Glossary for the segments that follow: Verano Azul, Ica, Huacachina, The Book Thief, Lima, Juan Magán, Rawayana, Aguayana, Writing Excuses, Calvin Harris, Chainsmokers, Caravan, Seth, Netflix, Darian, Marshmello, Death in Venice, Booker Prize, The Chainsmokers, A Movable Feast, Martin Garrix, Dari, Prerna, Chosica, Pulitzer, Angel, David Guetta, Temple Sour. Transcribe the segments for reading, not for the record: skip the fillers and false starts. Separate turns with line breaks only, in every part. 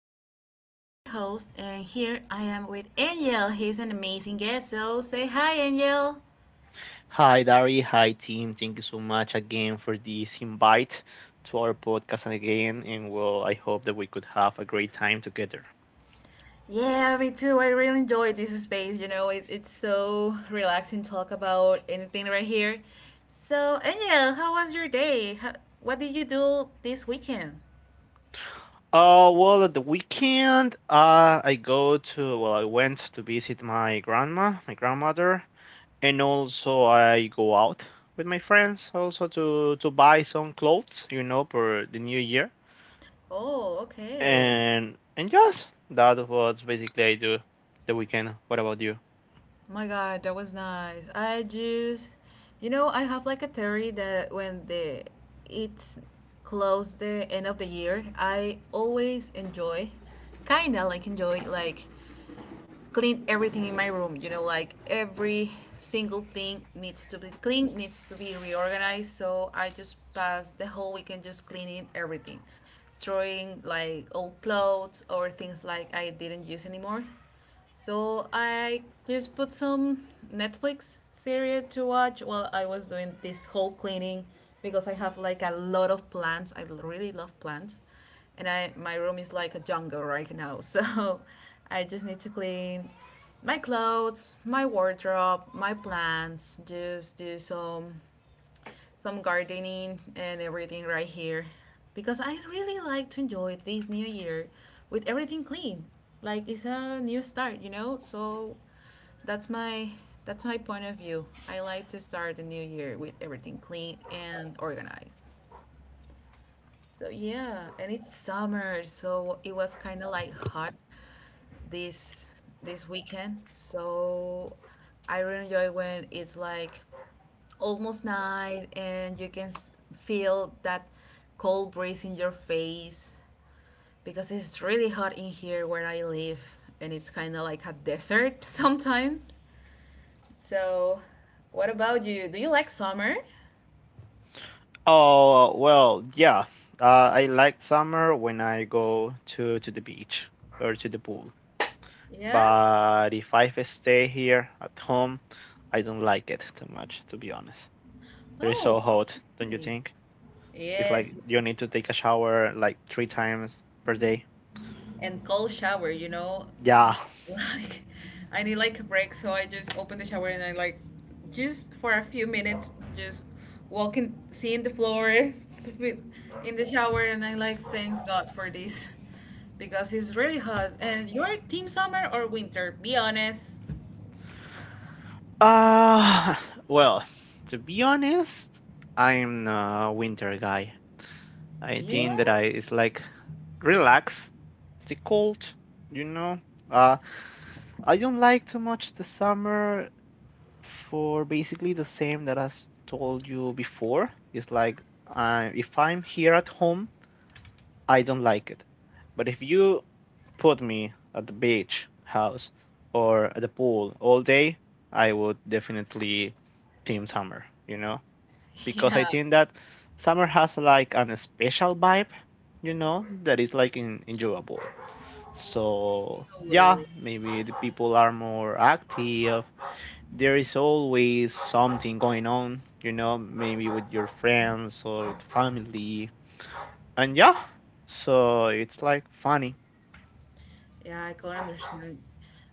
I am Darian, your host, and here I am with Angel. He's an amazing guest, so say hi, Angel.
Hi, Dari. Hi, team. Thank you so much again for this invite to our podcast again. And well, I hope that we could have a great time together.
Yeah, me too. I really enjoy this space. You know, it's so relaxing to talk about anything right here. So, Angel, how was your day? What did you do this weekend?
Well, at the weekend, I went to visit my grandma, my grandmother, and also I go out with my friends also to buy some clothes, you know, for the New Year.
Oh, okay.
And yes, that was basically I do the weekend. What about you?
My God, that was nice. I just, I have like a theory that when the it's close the end of the year, I always kinda like enjoy like clean everything in my room. You know, like every single thing needs to be cleaned, needs to be reorganized. So I just pass the whole weekend just cleaning everything, throwing like old clothes or things like I didn't use anymore, so I just put some Netflix series to watch while I was doing this whole cleaning because I have like a lot of plants. I really love plants. And I my room is like a jungle right now. So I just need to clean my clothes, my wardrobe, my plants, just do some gardening and everything right here because I really like to enjoy this new year with everything clean. Like it's a new start, you know? So that's my that's my point of view. I like to start the new year with everything clean and organized. So yeah, and it's summer, so it was kind of like hot this this weekend. So I really enjoy when it's like almost night and you can feel that cold breeze in your face because it's really hot in here where I live, and it's kind of like a desert sometimes. So, what about you? Do you like summer?
Oh, well, yeah. I like summer when I go to the beach or to the pool.
Yeah?
But if I stay here at home, I don't like it too much, to be honest. It is so
Oh,
hot, don't you
okay.
think? It's like
Yes.
you
Yes.
need to take a shower like three times per day.
And cold shower, you know,
Yeah.
like I need like a break, so I just open the shower and I like, just for a few minutes, just walking, seeing the floor in the shower, and I like thanks God for this because it's really hot. And you're team summer or winter? Be honest.
Uh, well, to be honest, I'm a winter guy. I
Yeah.
think that I it's like relax, the cold, you know. Uh, I don't like too much the summer for basically the same that I told you before. It's like if I'm here at home, I don't like it. But if you put me at the beach house or at the pool all day, I would definitely team summer, you know? Because I
Yeah.
think that summer has like an special vibe, you know, that is like enjoyable. So yeah,
Totally.
maybe the people are more active. There is always something going on, you know, maybe with your friends or with family. And yeah, so it's like funny.
Yeah, I can understand.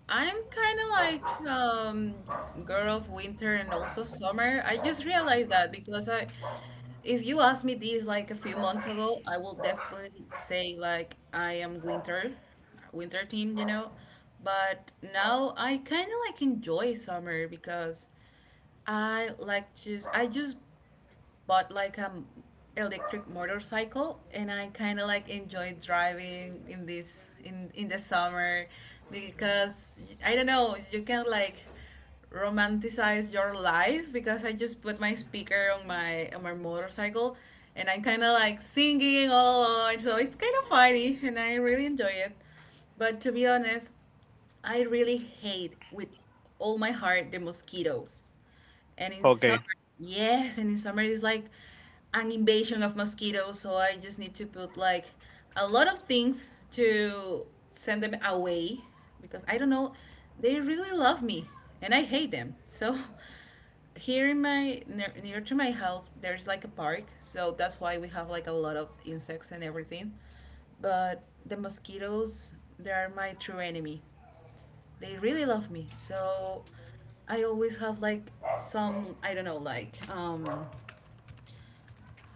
I'm kind of like girl of winter and also summer. I just realized that because I if you asked me this like a few months ago, I will definitely say like I am winter, winter team, you know. But now I kind of like enjoy summer because I just bought like a electric motorcycle, and I kind of like enjoy driving in this in the summer because I don't know, you can like romanticize your life because I just put my speaker on my motorcycle and I'm kind of like singing all along, so it's kind of funny and I really enjoy it. But to be honest, I really hate with all my heart the mosquitoes. And in
Okay,
summer, yes, and in summer it's like an invasion of mosquitoes, so I just need to put like a lot of things to send them away because I don't know, they really love me and I hate them. So here in my near to my house, there's like a park, so that's why we have like a lot of insects and everything. But the mosquitoes, they are my true enemy. They really love me. So I always have like some, I don't know, like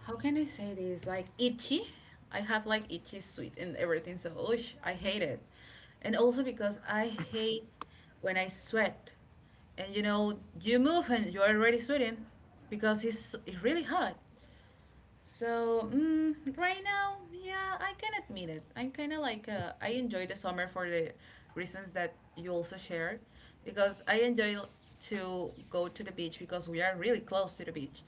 how can I say this, like itchy. I have like itchy sweet and everything. So oosh, I hate it, and also because I hate when I sweat, and you know, you move and you're already sweating because it's really hot. So right now, yeah, I can admit it. I kind of like, I enjoy the summer for the reasons that you also shared, because I enjoy to go to the beach because we are really close to the beach,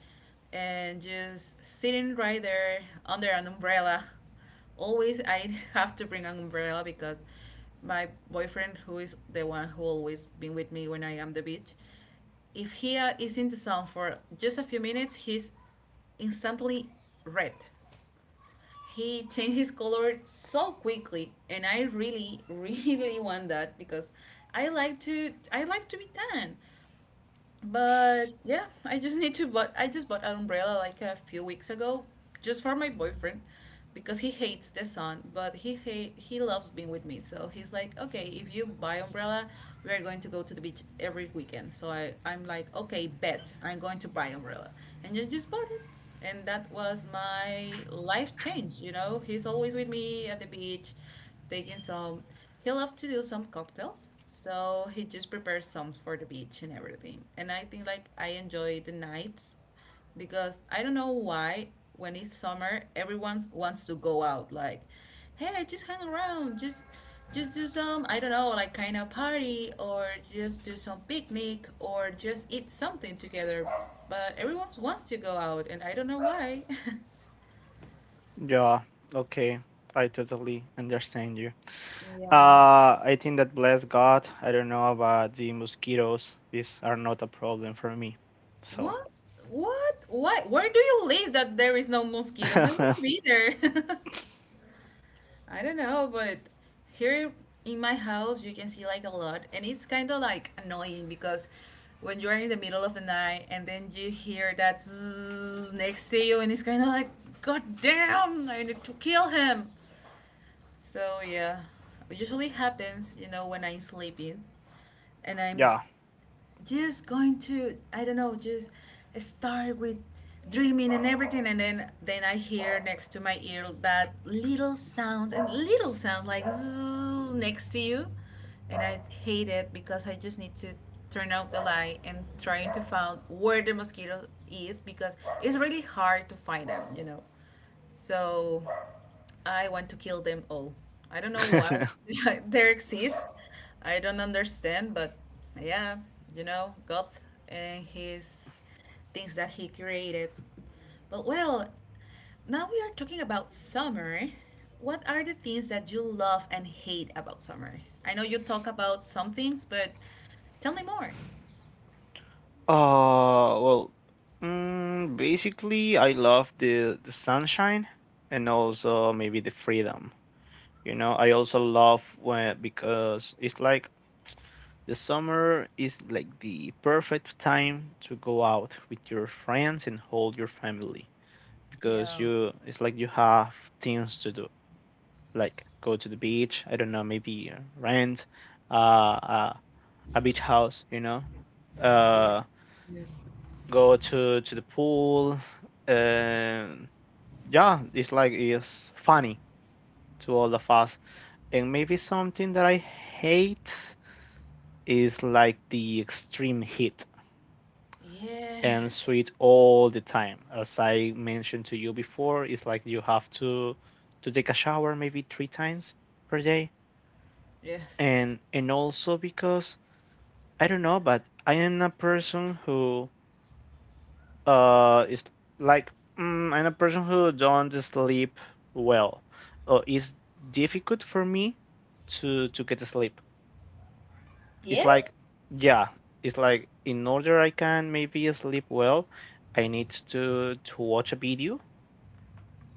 and just sitting right there under an umbrella. Always, I have to bring an umbrella because my boyfriend, who is the one who always been with me when I am the beach, if he is in the sun for just a few minutes, he's instantly red. He changed his color so quickly, and I really, really want that because I like to be tan. But yeah, I just need to but I just bought an umbrella like a few weeks ago just for my boyfriend because he hates the sun, but he loves being with me. So he's like, "Okay, if you buy umbrella, we are going to go to the beach every weekend." So I I'm like, "Okay, bet. I'm going to buy umbrella." And I just bought it. And that was my life change, you know. He's always with me at the beach, taking some he loved to do some cocktails, so he just prepared some for the beach and everything. And I think like I enjoy the nights because I don't know why when it's summer everyone wants to go out like, hey, just hang around, just do some, I don't know, like kind of party or just do some picnic or just eat something together. But everyone wants to go out and I don't know why.
yeah, okay. I totally understand you.
Yeah.
I think that bless God, I don't know about the mosquitoes. These are not a problem for me. So,
What? What? What? Where do you live that there is no mosquitoes? I want to be there. I don't know, but here in my house, you can see like a lot, and it's kind of like annoying because when you're in the middle of the night and then you hear that zzzz next to you, and it's kind of like, God damn, I need to kill him. So yeah, it usually happens, you know, when I'm sleeping and I'm
yeah.
just going to, I don't know, just start with dreaming and everything, and then I hear next to my ear that little sounds and little sound like zzz next to you, and I hate it because I just need to turn out the light and trying to find where the mosquito is because it's really hard to find them, you know. So I want to kill them all. I don't know why
uh,
they exist. I don't understand, but yeah, you know, God and his things that he created. But well, now we are talking about summer. What are the things that you love and hate about summer? I know you talk about some things, but tell me more.
well, basically, I love the sunshine and also maybe the freedom. You know, I also love when because it's like the summer is like the perfect time to go out with your friends and hold your family because
Yeah.
you it's like you have things to do like go to the beach. I don't know, maybe rent uh, uh, a beach house. You know,
Yeah.
uh,
Yes.
go to the pool. Um yeah, it's like it's funny to all of us. And maybe something that I hate is like the extreme heat and
Yes.
sweat all the time. As I mentioned to you before, it's like you have to take a shower maybe three times per day.
Yes.
And also because I don't know, but I am a person who is like mm, I'm a person who don't sleep well. It's difficult for me to get sleep. It's
Yes?
like, yeah, it's like in order I can maybe sleep well, I need to watch a video,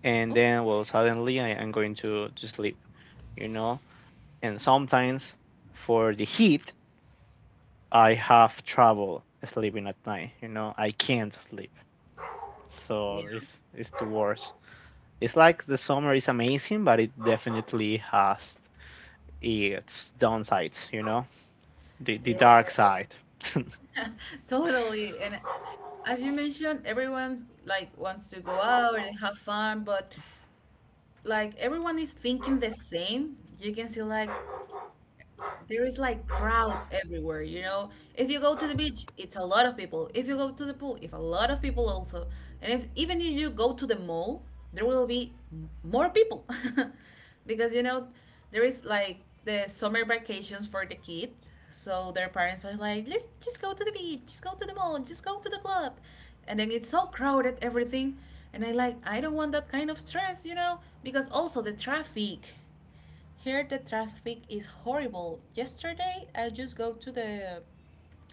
and
Oh,
then, well, suddenly I am going to sleep, you know. And sometimes for the heat I have trouble sleeping at night, you know, I can't sleep. So it's
yes.
it's the worst. It's like the summer is amazing, but it definitely has its downsides, you know, the
Yes.
dark side.
Totally. And as you mentioned, everyone's like wants to go out and have fun, but like everyone is thinking the same. You can see like there is like crowds everywhere, you know? If you go to the beach, it's a lot of people. If you go to the pool, if a lot of people also. And if even if you go to the mall, there will be more people. Because you know, there is like the summer vacations for the kids. So their parents are like, "Let's just go to the beach, just go to the mall, just go to the club." And then it's so crowded everything, and I like I don't want that kind of stress, you know, because also the traffic. Here the traffic is horrible. Yesterday I just go to the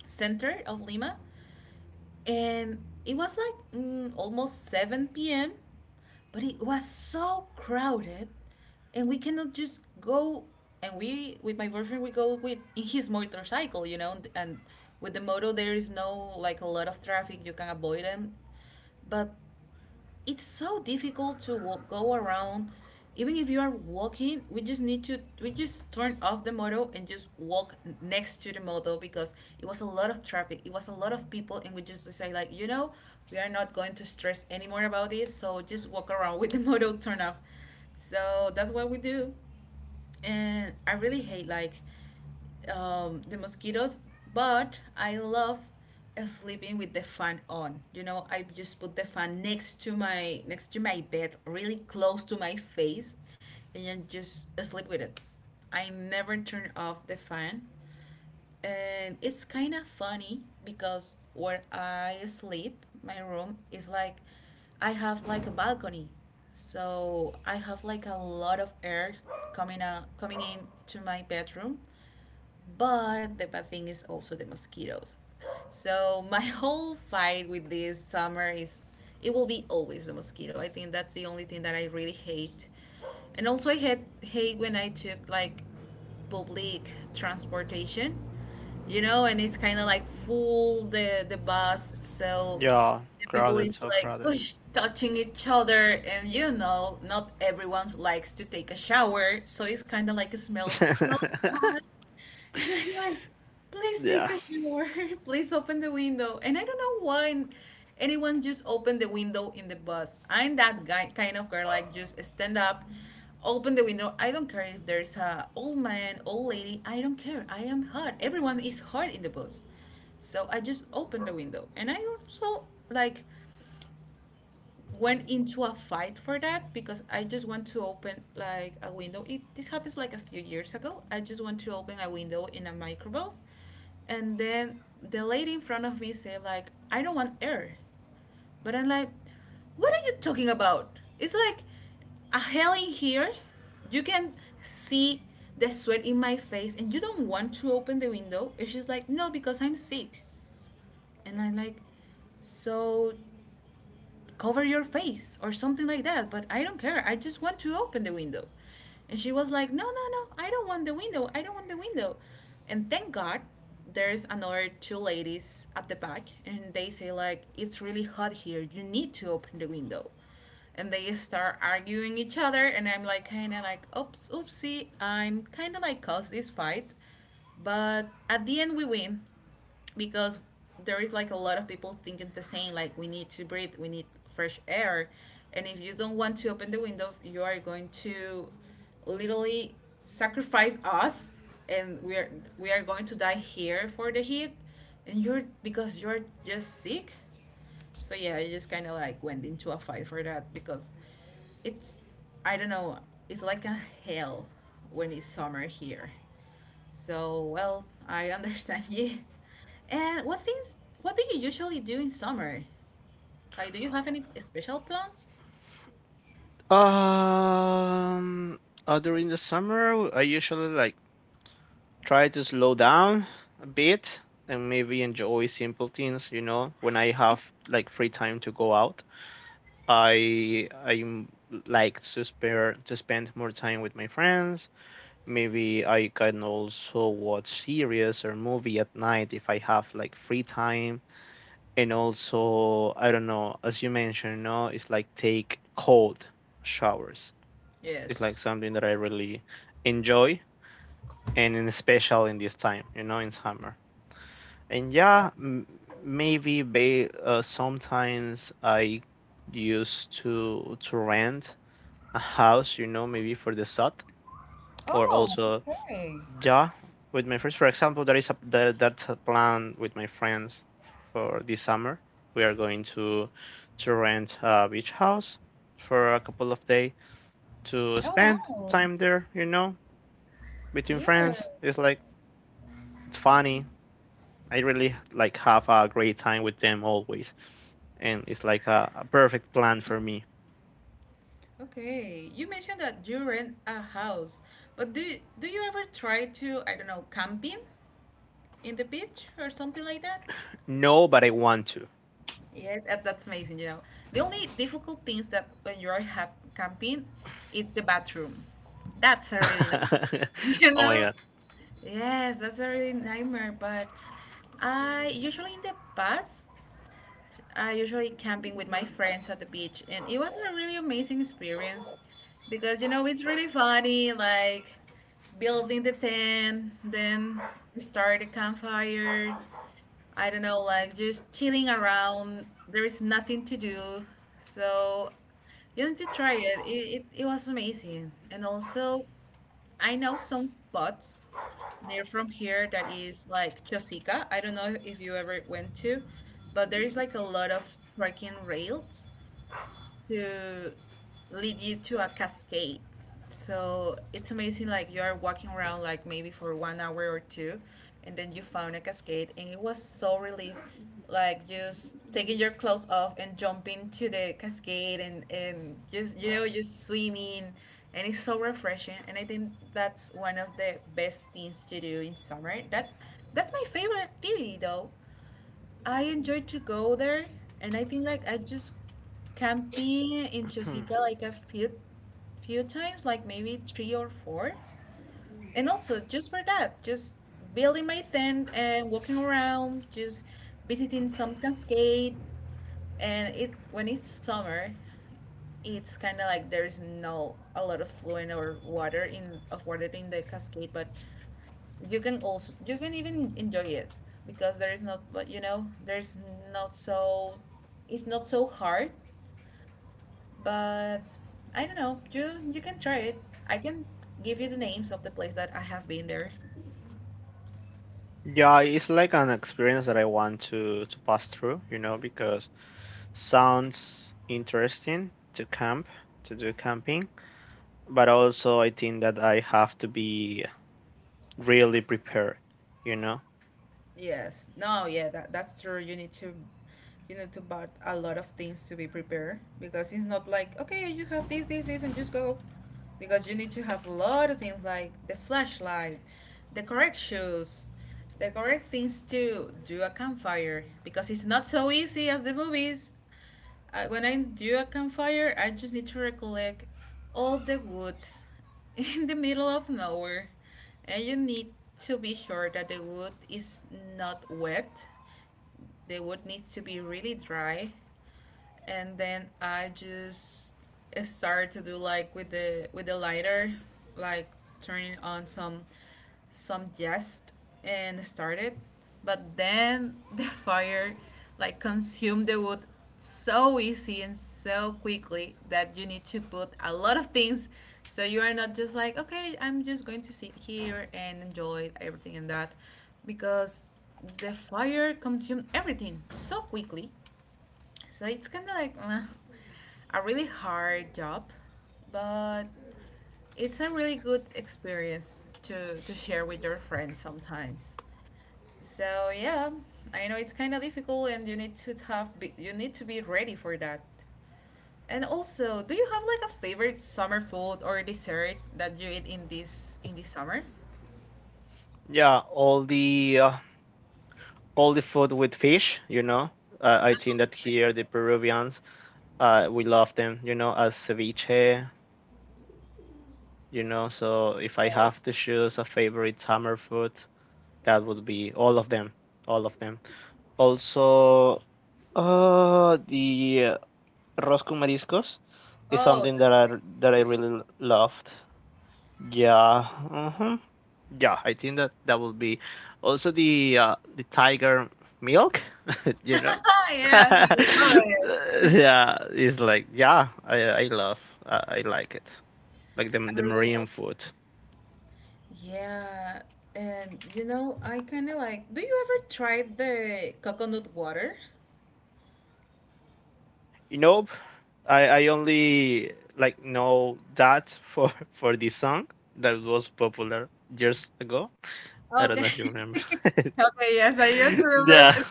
center of Lima, and it was like almost 7 p.m., but it was so crowded and we cannot just go. And we, with my boyfriend, we go with in his motorcycle, you know, and with the moto there is no like a lot of traffic, you can avoid them. But it's so difficult to walk go around, even if you are walking, we just turn off the moto and just walk next to the moto because it was a lot of traffic, it was a lot of people, and we just decide like, you know, we are not going to stress anymore about this, so just walk around with the moto turn off. So that's what we do. And I really hate like the mosquitoes, but I love sleeping with the fan on. You know, I just put the fan next to my bed, really close to my face, and then just sleep with it. I never turn off the fan, and it's kind of funny because where I sleep, my room is like I have like a balcony, so I have like a lot of air coming out coming in to my bedroom. But the bad thing is also the mosquitoes. So my whole fight with this summer is it will be always the mosquito. I think that's the only thing that I really hate. And also I hate when I took like public transportation, and it's kind of like full the bus, so
Yeah,
the people
crowded,
is
so
like
crowded.
"Oosh," touching each other, and not everyone likes to take a shower, so it's kind of like it smells so bad, and I'm like, please take
Yeah.
a shower, please open the window, and I don't know why. Anyone just opened the window in the bus. I'm that guy kind of girl, like just stand up open the window. I don't care if there's a old man, old lady. I don't care. I am hot. Everyone is hot in the bus. So I just opened the window, and I also like went into a fight for that because I just want to open like a window. It This happens like a few years ago. I just want to open a window in a microbus, and then the lady in front of me said like, "I don't want air." But I'm like, what are you talking about? It's like a hell in here. You can see the sweat in my face and you don't want to open the window. And she's like, no, because I'm sick. And I'm like, so cover your face or something like that, but I don't care, I just want to open the window. And she was like, no, no, no, I don't want the window, I don't want the window. And thank God there's another two ladies at the back, and they say like, it's really hot here, you need to open the window. And they start arguing each other, and I'm like kind of like, oops, oopsie, I'm kind of like caused this fight. But at the end, we win, because there is like a lot of people thinking the same, like, we need to breathe, we need fresh air. And if you don't want to open the window, you are going to literally sacrifice us, and we are going to die here for the heat. And you're because you're just sick. So yeah, I just kind of like went into a fight for that because it's I don't know, it's like a hell when it's summer here. So, well, I understand you. And what do you usually do in summer? Like, do you have any special plans?
Um. During the summer, I usually like try to slow down a bit and maybe enjoy simple things. You know, when I have like free time to go out, I like to spend more time with my friends. Maybe I can also watch series or movie at night if I have like free time, and also I don't know, as you mentioned, no, it's like take cold showers. It's like
Yes.
something that I really enjoy, and in special in this time, you know, in summer. And yeah, maybe sometimes I used to rent a house, you know, maybe for the south, or
Oh,
also,
okay.
yeah, with my friends. For example, there is that's a plan with my friends for this summer. We are going to rent a beach house for a couple of days to
Oh,
spend
wow.
time there, you know, between
Yeah.
friends. It's like it's funny. I really like have a great time with them always, and it's like a perfect plan for me.
Okay. You mentioned that you rent a house, but do you ever try to, I don't know, camping in the beach or something like that?
No, but I want to.
Yes, that's amazing, you know. The only difficult thing is that when you are camping, it's the bathroom. That's a really nice, you
Oh my
know?
God.
Yes, that's a really nightmare. But I usually in the past, I usually camping with my friends at the beach, and it was a really amazing experience because it's really funny, like building the tent, then start a campfire. I don't know, like just chilling around. There is nothing to do, so you need to try it. It was amazing, and also I know some spots near from here that is like Chosica. I don't know if you ever went to, but there is like a lot of trekking rails to lead you to a cascade. So it's amazing, like you are walking around, like maybe for 1 hour or two, and then you found a cascade, and it was so relief, like just taking your clothes off and jumping to the cascade, and just just swimming, and it's so refreshing. And I think that's one of the best things to do in summer. That's my favorite activity though. I enjoyed to go there, and I think like I just camping in Chosica like a few times, like maybe three or four. And also just for that, just building my tent and walking around, just visiting some cascade. And it when it's summer, it's kind of like there's no a lot of fluent or water in the cascade, but you can even enjoy it because there is not, like, there's not so it's not so hard, but I don't know, you can try it. I can give you the names of the place that I have been there.
Yeah, it's like an experience that I want to pass through, you know, because sounds interesting to camp, to do camping, but also I think that I have to be really prepared, you know.
Yes. No, yeah, that's true. You need to buy a lot of things to be prepared because it's not like, okay, you have this, this, this and just go. Because you need to have a lot of things like the flashlight, the correct shoes, the correct things to do a campfire because it's not so easy as the movies. When I do a campfire, I just need to recollect all the woods in the middle of nowhere, and you need to be sure that the wood is not wet. The wood needs to be really dry, and then I just started to do like with the lighter, like turning on some jest and started, but then the fire like consumed the wood so easy and so quickly that you need to put a lot of things, so you are not just like, okay, I'm just going to sit here and enjoy everything and that, because the fire consumed everything so quickly. So it's kind of like a really hard job, but it's a really good experience to share with your friends sometimes. So yeah, I know it's kind of difficult, and you need to have you need to be ready for that. And also, do you have like a favorite summer food or dessert that you eat in this summer?
Yeah, all the food with fish, you know. I think that here the Peruvians, we love them, you know, as ceviche, you know. So if I
Yes.
have to choose a favorite summer food, that would be all of them, all of them. Also, the arroz con mariscos is
Oh,
something that I that
that's
I
amazing.
really loved. Yeah, hmm, yeah. I think that that would be also the tiger milk. You know.
Yes,
Yeah,
I love it.
it's like, yeah, I like it, like the
I
the
really
marine
love
food.
Yeah, and I kind of like. Do you ever try the coconut water?
You know, I only like know that for for the song that was popular years ago. I don't know if you
Okay.
remember.
Okay, yes, I just remembered.
Yeah.
this.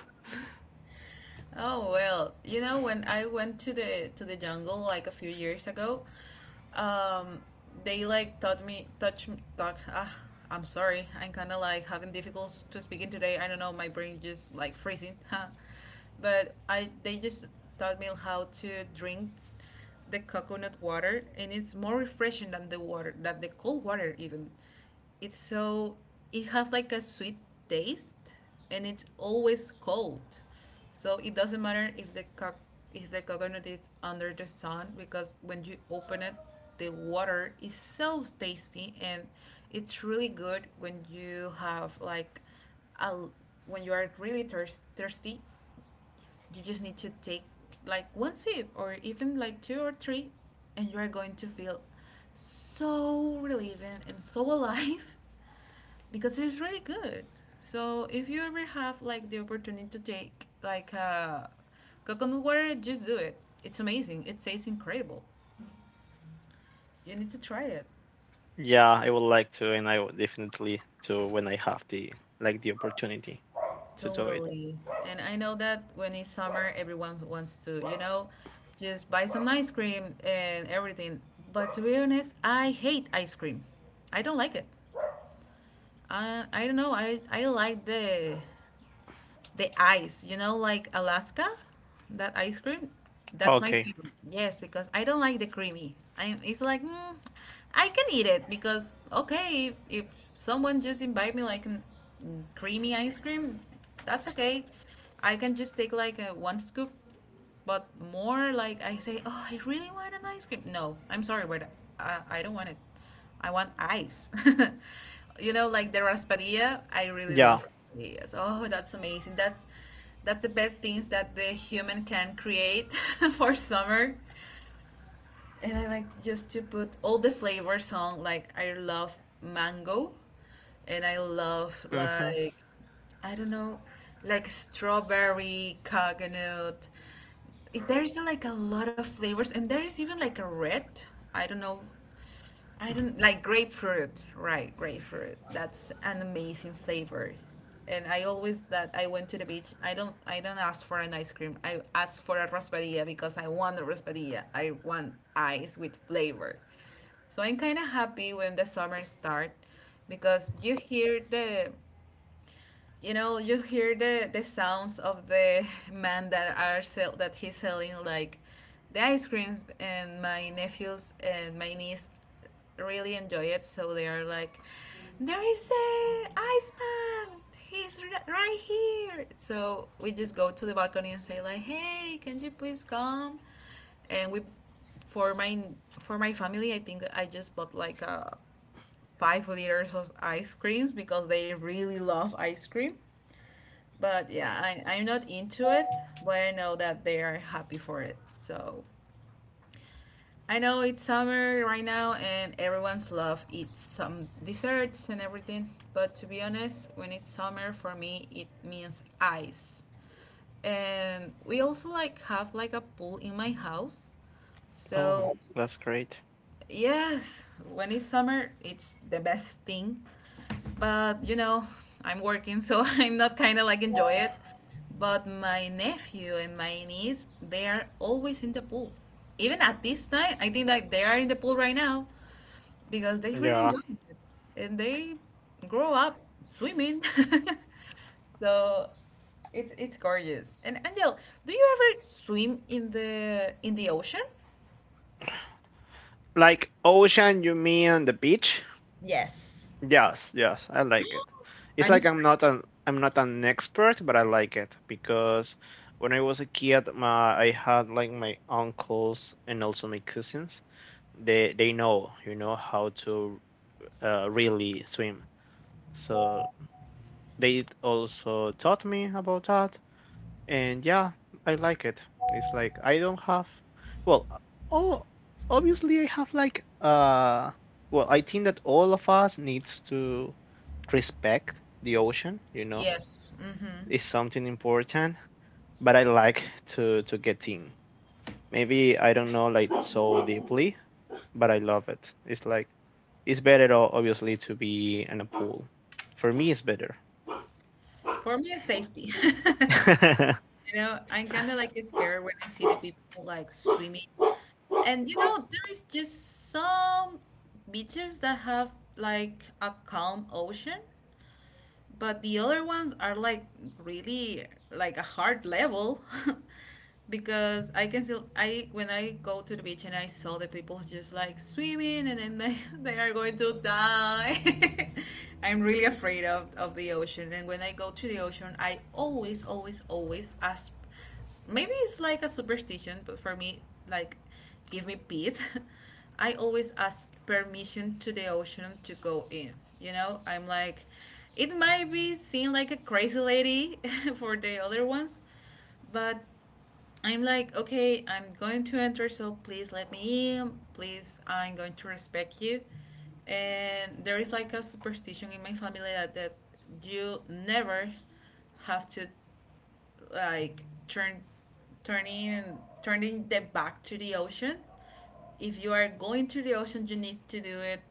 Oh well, when I went to the jungle like a few years ago, um, they like taught me touch talk. Ah, I'm sorry, I'm kind of like having difficulties to speaking today. I don't know, my brain just like freezing. But I they just taught me how to drink the coconut water, and it's more refreshing than the water, than the cold water even. It's so it has like a sweet taste, and it's always cold, so it doesn't matter if if the coconut is under the sun because when you open it, the water is so tasty, and it's really good when you have like a, when you are really thirsty. You just need to take like one sip or even like two or three, and you are going to feel so relieving and so alive because it's really good. So if you ever have like the opportunity to take like coconut water, just do it. It's amazing. It tastes incredible. You need to try it.
Yeah, I would like to, and I would definitely to when I have the opportunity to do it.
Totally. And I know that when it's summer, everyone wants to just buy some ice cream and everything. But to be honest, I hate ice cream. I don't like it. I don't know. I like the ice, you know, like Alaska, that ice cream, that's my
Okay.
favorite. Yes, because I don't like the creamy. It's like, I can eat it because, okay, if someone just invite me like creamy ice cream, that's okay. I can just take like one scoop, but more like I say, oh, I really want an ice cream. No, I'm sorry, but I don't want it. I want ice. You know, like the raspadilla, I really
Yeah.
love raspadillas. Oh, that's amazing. That's the best things that the human can create for summer, and I like just to put all the flavors on. Like I love mango, and I love
Mm-hmm.
like, I don't know, like strawberry, coconut. There's like a lot of flavors, and there is even like a red. I don't know, I don't like grapefruit, right? Grapefruit. That's an amazing flavor. And I always that I went to the beach. I don't ask for an ice cream. I ask for a raspadilla because I want a raspadilla. I want ice with flavor. So I'm kind of happy when the summer start because you hear the you know you hear the sounds of the man that he's selling, like, the ice creams, and my nephews and my niece really enjoy it. So they are like, there is a ice man, he's right here. So we just go to the balcony and say like, hey, can you please come, and we for my for my family, I think I just bought like 5 liters of ice creams because they really love ice cream. But yeah, I'm not into it, but I know that they are happy for it. So I know it's summer right now and everyone's love eats some desserts and everything. But to be honest, when it's summer for me, it means ice. And we also like have like a pool in my house.
Oh,
So
that's great.
yes, when it's summer, it's the best thing. But I'm working, so I'm not kind of like enjoy it. But my nephew and my niece, they are always in the pool. Even at this time, I think that they are in the pool right now because they really
Yeah.
enjoy it and they grow up swimming. So it's gorgeous. And Angel, do you ever swim in the ocean?
Like ocean, you mean the beach?
Yes.
Yes, yes, I like it. It's
I'm
like I'm
scared.
not an I'm not an expert, but I like it because when I was a kid, my I had like my uncles and also my cousins. They know, you know, how to really swim. So they also taught me about that, and yeah, I like it. It's like I don't have, well, oh, obviously I have like well, I think that all of us needs to respect the ocean. You know,
Yes. Hmm.
it's something important. But I like to get in. Maybe I don't know like so deeply, but I love it. It's like it's better obviously to be in a pool. For me, it's better.
For me, it's safety.
Yeah,
I'm kind of like scared when I see the people like swimming. And there is just some beaches that have like a calm ocean, but the other ones are like really like a hard level. Because I can still I when I go to the beach and I saw the people just like swimming and then they, they are going to die. I'm really afraid of the ocean, and when I go to the ocean I always always always ask. Maybe it's like a superstition, but for me, like, give me peace. I always ask permission to the ocean to go in. I'm like, it might be seen like a crazy lady for the other ones, but I'm like, okay, I'm going to enter, so please let me in. Please, I'm going to respect you. And there is like a superstition in my family that you never have to like turning the back to the ocean. If you are going to the ocean you need to do it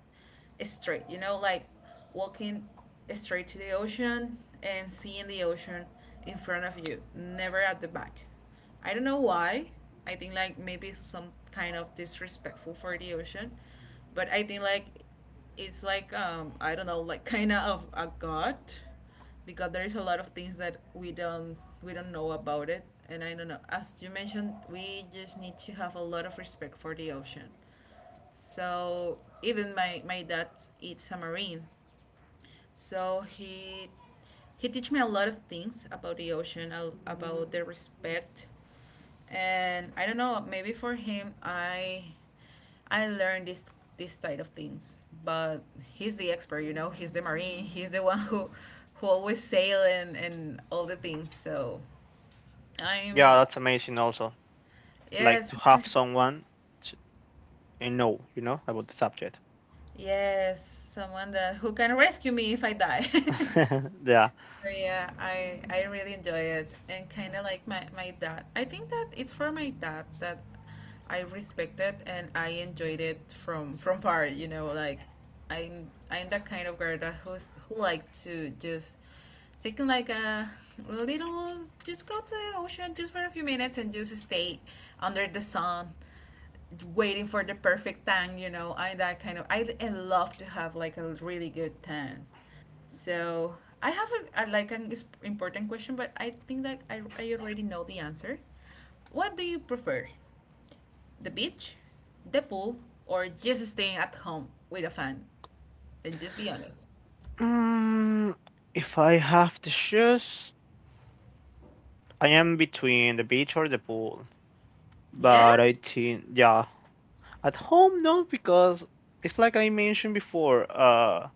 straight, like walking straight to the ocean and seeing the ocean in front of you, never at the back. I don't know why. I think like maybe some kind of disrespectful for the ocean, but I think like it's like, I don't know, like kind of a god. Because there is a lot of things that we don't know about it, and I don't know, as you mentioned, we just need to have a lot of respect for the ocean. So even my dad is a marine, so he teach me a lot of things about the ocean, about the respect. And I don't know. Maybe for him, I learned this side of things. But he's the expert. He's the marine. He's the one who always sail and all the things. So I'm
that's amazing. Also, like
yes,
to have someone to, and know, you know, about the subject.
yes, someone that who can rescue me if I die.
Yeah.
So yeah, I really enjoy it and kind of like my dad. I think that it's for my dad that I respect it and I enjoyed it from far. Like I'm that kind of girl that who like to just taking like a little, just go to the ocean just for a few minutes and just stay under the sun waiting for the perfect tan you know I That kind of I love to have like a really good tan. So I have a like an important question, but I think that I already know the answer. What do you prefer, the beach, the pool, or just staying at home with a fan? And just be honest.
Mm, if I have to choose, I am between the beach or the pool. But I
Yes.
think, yeah, at home, no, because it's like I mentioned before.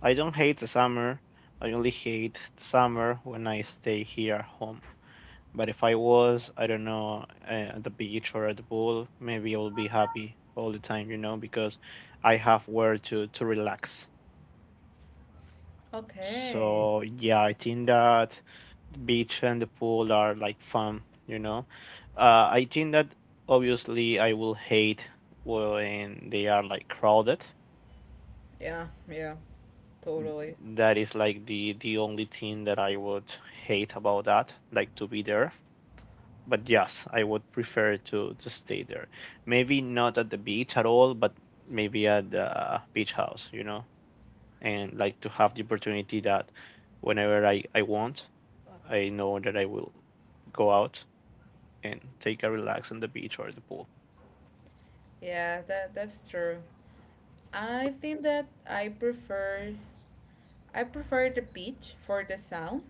I don't hate the summer. I only hate the summer when I stay here at home. But if I was, I don't know, at the beach or at the pool, maybe I will be happy all the time, you know, because I have where to relax.
Okay.
So yeah, I think that the beach and the pool are like fun, you know. I think that obviously I will hate when they are like crowded.
Yeah. Yeah. Totally.
That is like the only thing that I would hate about that, like to be there, but yes, I would prefer to stay there. Maybe not at the beach at all, but maybe at the beach house, you know, and like to have the opportunity that whenever I want, I know that I will go out and take a relax on the beach or the pool.
Yeah. That's true. I think that I prefer the beach for the sound,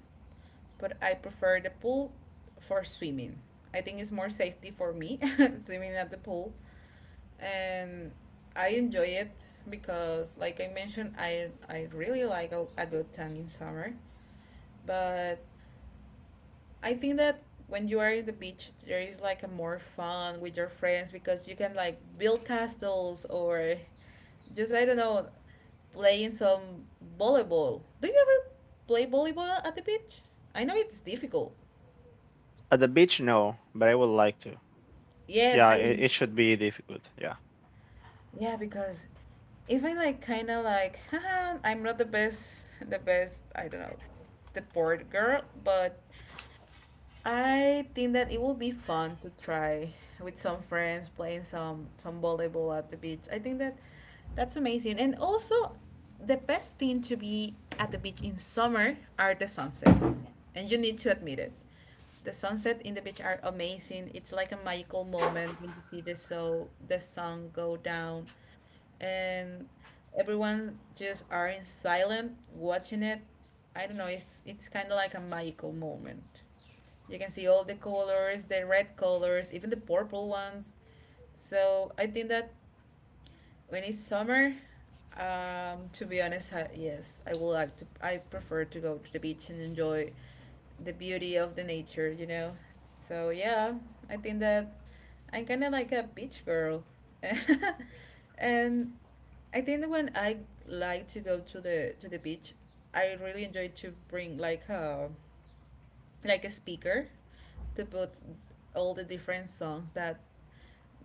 but I prefer the pool for swimming. I think it's more safety for me swimming at the pool, and I enjoy it because, like I mentioned, I really like a good tan in summer. But I think that when you are in the beach, there is like a more fun with your friends because you can like build castles or just, I don't know, playing some volleyball. Do you ever play volleyball at the beach? I know it's difficult.
At the beach, no, but I would like to.
Yes,
Yeah,
I.
it should be difficult. Yeah.
Yeah, because if I like kind of like, haha, I'm not the best, the best, I don't know, the board girl, but I think that it will be fun to try with some friends playing some volleyball at the beach. I think that that's amazing. And also, the best thing to be at the beach in summer are the sunset, and you need to admit it. The sunset in the beach are amazing. It's like a magical moment when you see the sun go down, and everyone just are in silent watching it. I don't know. It's kind of like a magical moment. You can see all the colors, the red colors, even the purple ones. So I think that when it's summer, to be honest, I, yes, I would like to. I prefer to go to the beach and enjoy the beauty of the nature. So yeah, I think that I'm kind of like a beach girl. And I think that when I like to go to the beach, I really enjoy to bring like a speaker to put all the different songs that,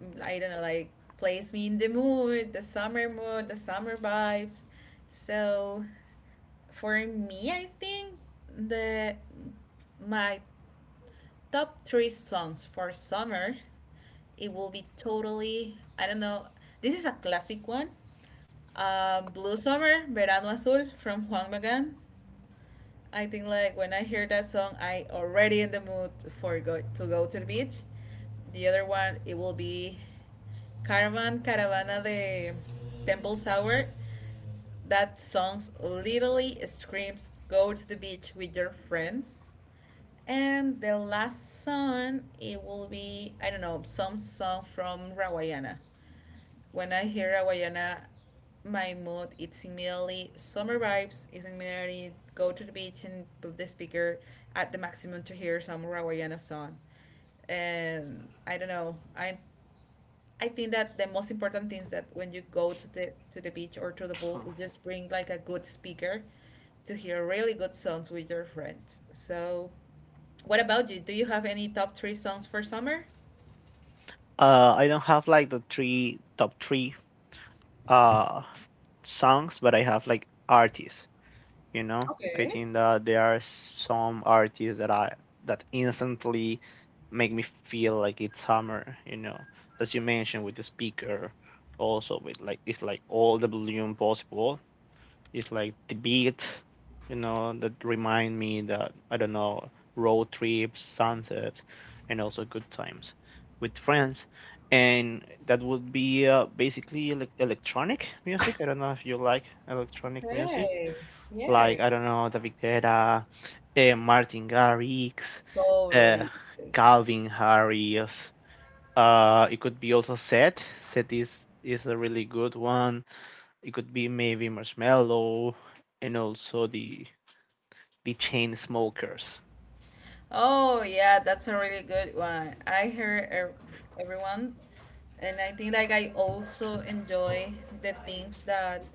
I don't know, like plays me in the mood, the summer vibes. So for me, I think the my top three songs for summer, it will be totally, I don't know. This is a classic one, Blue Summer, Verano Azul from Juan Magán. I think like when I hear that song, I already in the mood for go to the beach. The other one, it will be Caravana de Temple Sour. That song literally screams go to the beach with your friends. And the last song, it will be, I don't know, some song from Rawayana. When I hear Aguayana, my mood it's immediately summer vibes. It's immediately go to the beach and put the speaker at the maximum to hear some Rawayana song. And I don't know. I think that the most important thing is that when you go to the beach or to the pool,
Huh.
you just bring like a good speaker to hear really good songs with your friends. So, what about you? Do you have any top three songs for summer?
I don't have like the three top three uh songs, but I have like artists. You know, I
Okay.
think that there are some artists that instantly make me feel like it's summer, you know, as you mentioned with the speaker. Also with like, it's like all the volume possible, it's like the beat, you know, that remind me that I don't know, road trips, sunsets, and also good times with friends. And that would be basically like electronic music. I don't know if you like electronic music,
Hey, yes.
like, I don't know, David Guetta, Martin Garrix, uh,
Totally. Is.
Calvin Harris. It could be also Seth. Seth is a really good one. It could be maybe Marshmello and also the chain smokers.
Oh, yeah, that's a really good one. I heard everyone, and I think like I also enjoy the things that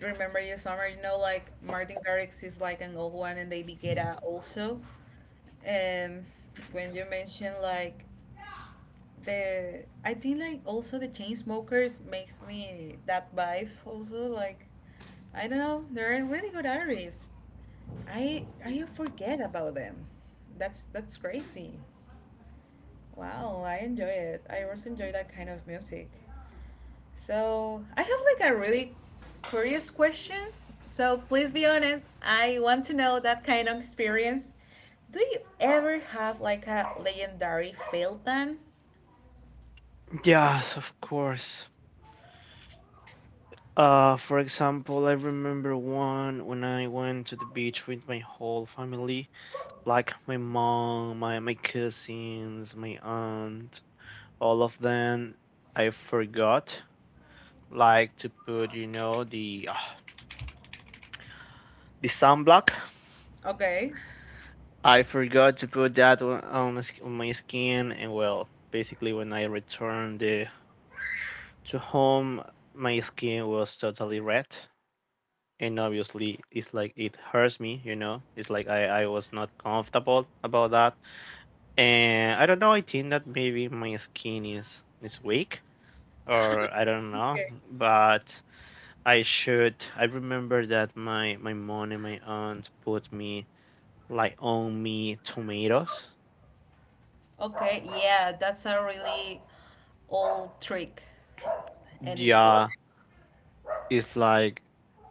remember your summer. Like Martin Garrix is like an old one, and David Guetta also. And when you mention like I think like also the Chainsmokers makes me that vibe also like. I don't know. They're really good artists. I forget about them. That's crazy. Wow, I enjoy it. I also enjoy that kind of music. So I have like a really curious questions. So please be honest. I want to know that kind of experience. Do you ever have like a legendary fail done?
Yes, of course. For example, I remember one when I went to the beach with my whole family, like my mom, my cousins, my aunt, all of them. I forgot like to put, you know, the ah, the sunblock.
Okay.
I forgot to put that on my skin, and well, basically, when I returned to home, my skin was totally red, and obviously it's like it hurts me, you know. It's like I was not comfortable about that, and I don't know, I think that maybe my skin is weak, or I don't know,
Okay.
but I should. I remember that my mom and my aunt put me like on me tomatoes.
Okay. Yeah, that's a really old trick, and it
Yeah,
worked.
it's like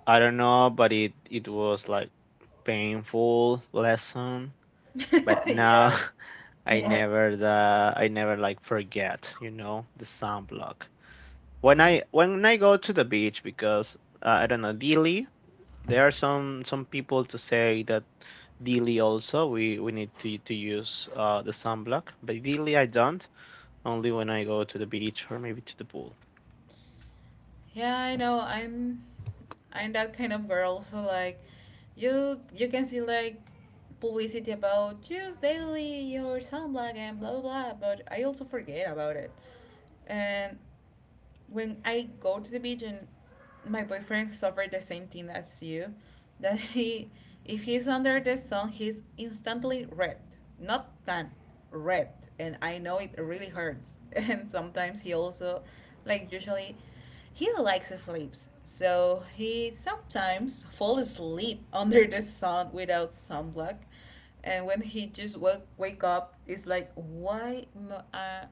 I don't know, but it was like painful lesson. But now
Yeah.
I
Yeah.
never the I never like forget, you know, the sunblock. When I go to the beach because I don't know, Dili, there are some people to say that Daily also, we need to use the sunblock. But daily I don't, only when I go to the beach or maybe to the pool.
Yeah, I know. I'm that kind of girl. So like, you can see like publicity about choose daily your sunblock and blah blah blah. But I also forget about it, and when I go to the beach and my boyfriend suffered the same thing as you, that he, if he's under the sun he's instantly red. Not tan, red. And I know it really hurts. And sometimes he also, like, usually he likes sleeps. So he sometimes fall asleep under the sun without sunblock. And when he just wake up, it's like, why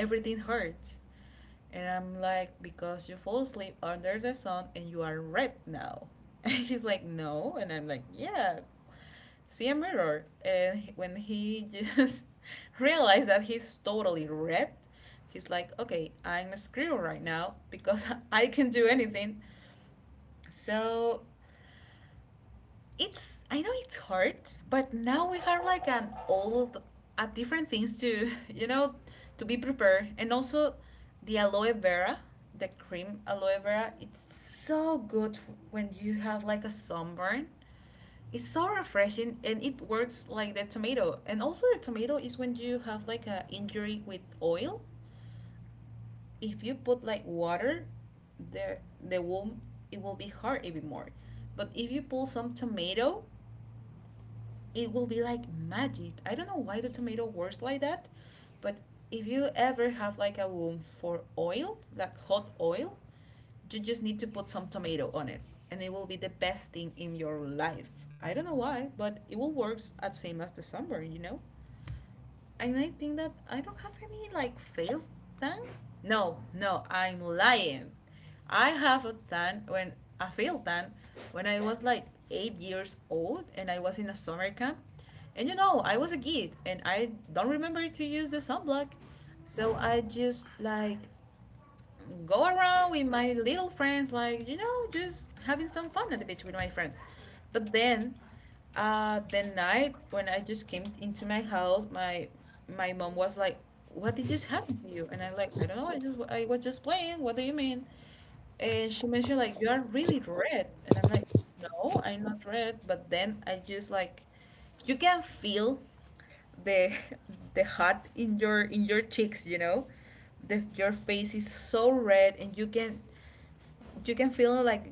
everything hurts? And I'm like, because you fall asleep under the sun and you are red now. He's like, no. And I'm like, yeah, see a mirror. And when he just realized that he's totally red, he's like, okay, I'm a screw right now because I can do anything. So it's I know it's hard, but now we have like an old, different things to to be prepared, and also the aloe vera, the cream aloe vera. It's so good when you have like a sunburn. It's so refreshing, and it works like the tomato. And also the tomato is when you have like a injury with oil. If you put like water, the the wound it will be hard even more. But if you pull some tomato it will be like magic. I don't know why the tomato works like that, but if you ever have like a wound for oil, like hot oil, you just need to put some tomato on it and it will be the best thing in your life. I don't know why, but it will work at same as the summer, you know? And I think that I don't have any like fails done. No, no, I'm lying. I have a tan when a failed tan when I was like 8 years old and I was in a summer camp. And you know, I was a kid and I don't remember to use the sunblock. So I just like go around with my little friends, like, you know, just having some fun at the beach with my friends. But then, the night when I just came into my house, my mom was like, "What did just happen to you?" And I like, "I don't know. I was just playing. What do you mean?" And she mentioned like you are really red, and I'm like no, I'm not red, but then I just like you can feel the the hot in your cheeks, you know, your face is so red, and you can feel like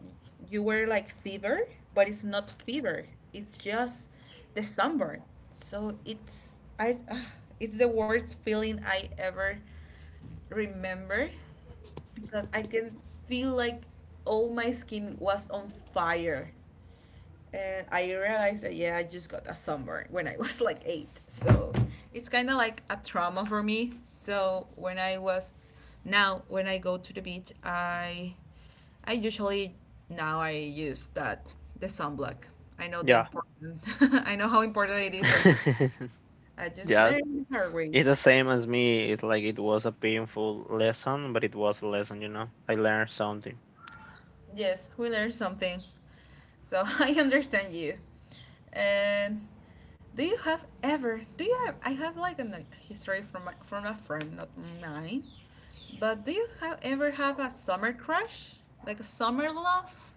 you were like fever, but it's not fever. It's just the sunburn. So it's I it's the worst feeling I ever remember, because I can feel like all my skin was on fire. And I realized that, yeah, I just got a sunburn when I was like eight. So it's kind of like a trauma for me. So when I was now, when I go to the beach, I usually now I use that the sunblock. I know the
Yeah.
important. I know how important it is right now. I just
Yeah.
learned the hard way.
It's the same as me. It's like it was a painful lesson, but it was a lesson, you know. I learned something.
Yes, we learned something. So I understand you. And do you have ever? Do you? Have, I have like a history from my, from a friend, not mine. But do you have ever have a summer crush, like a summer love?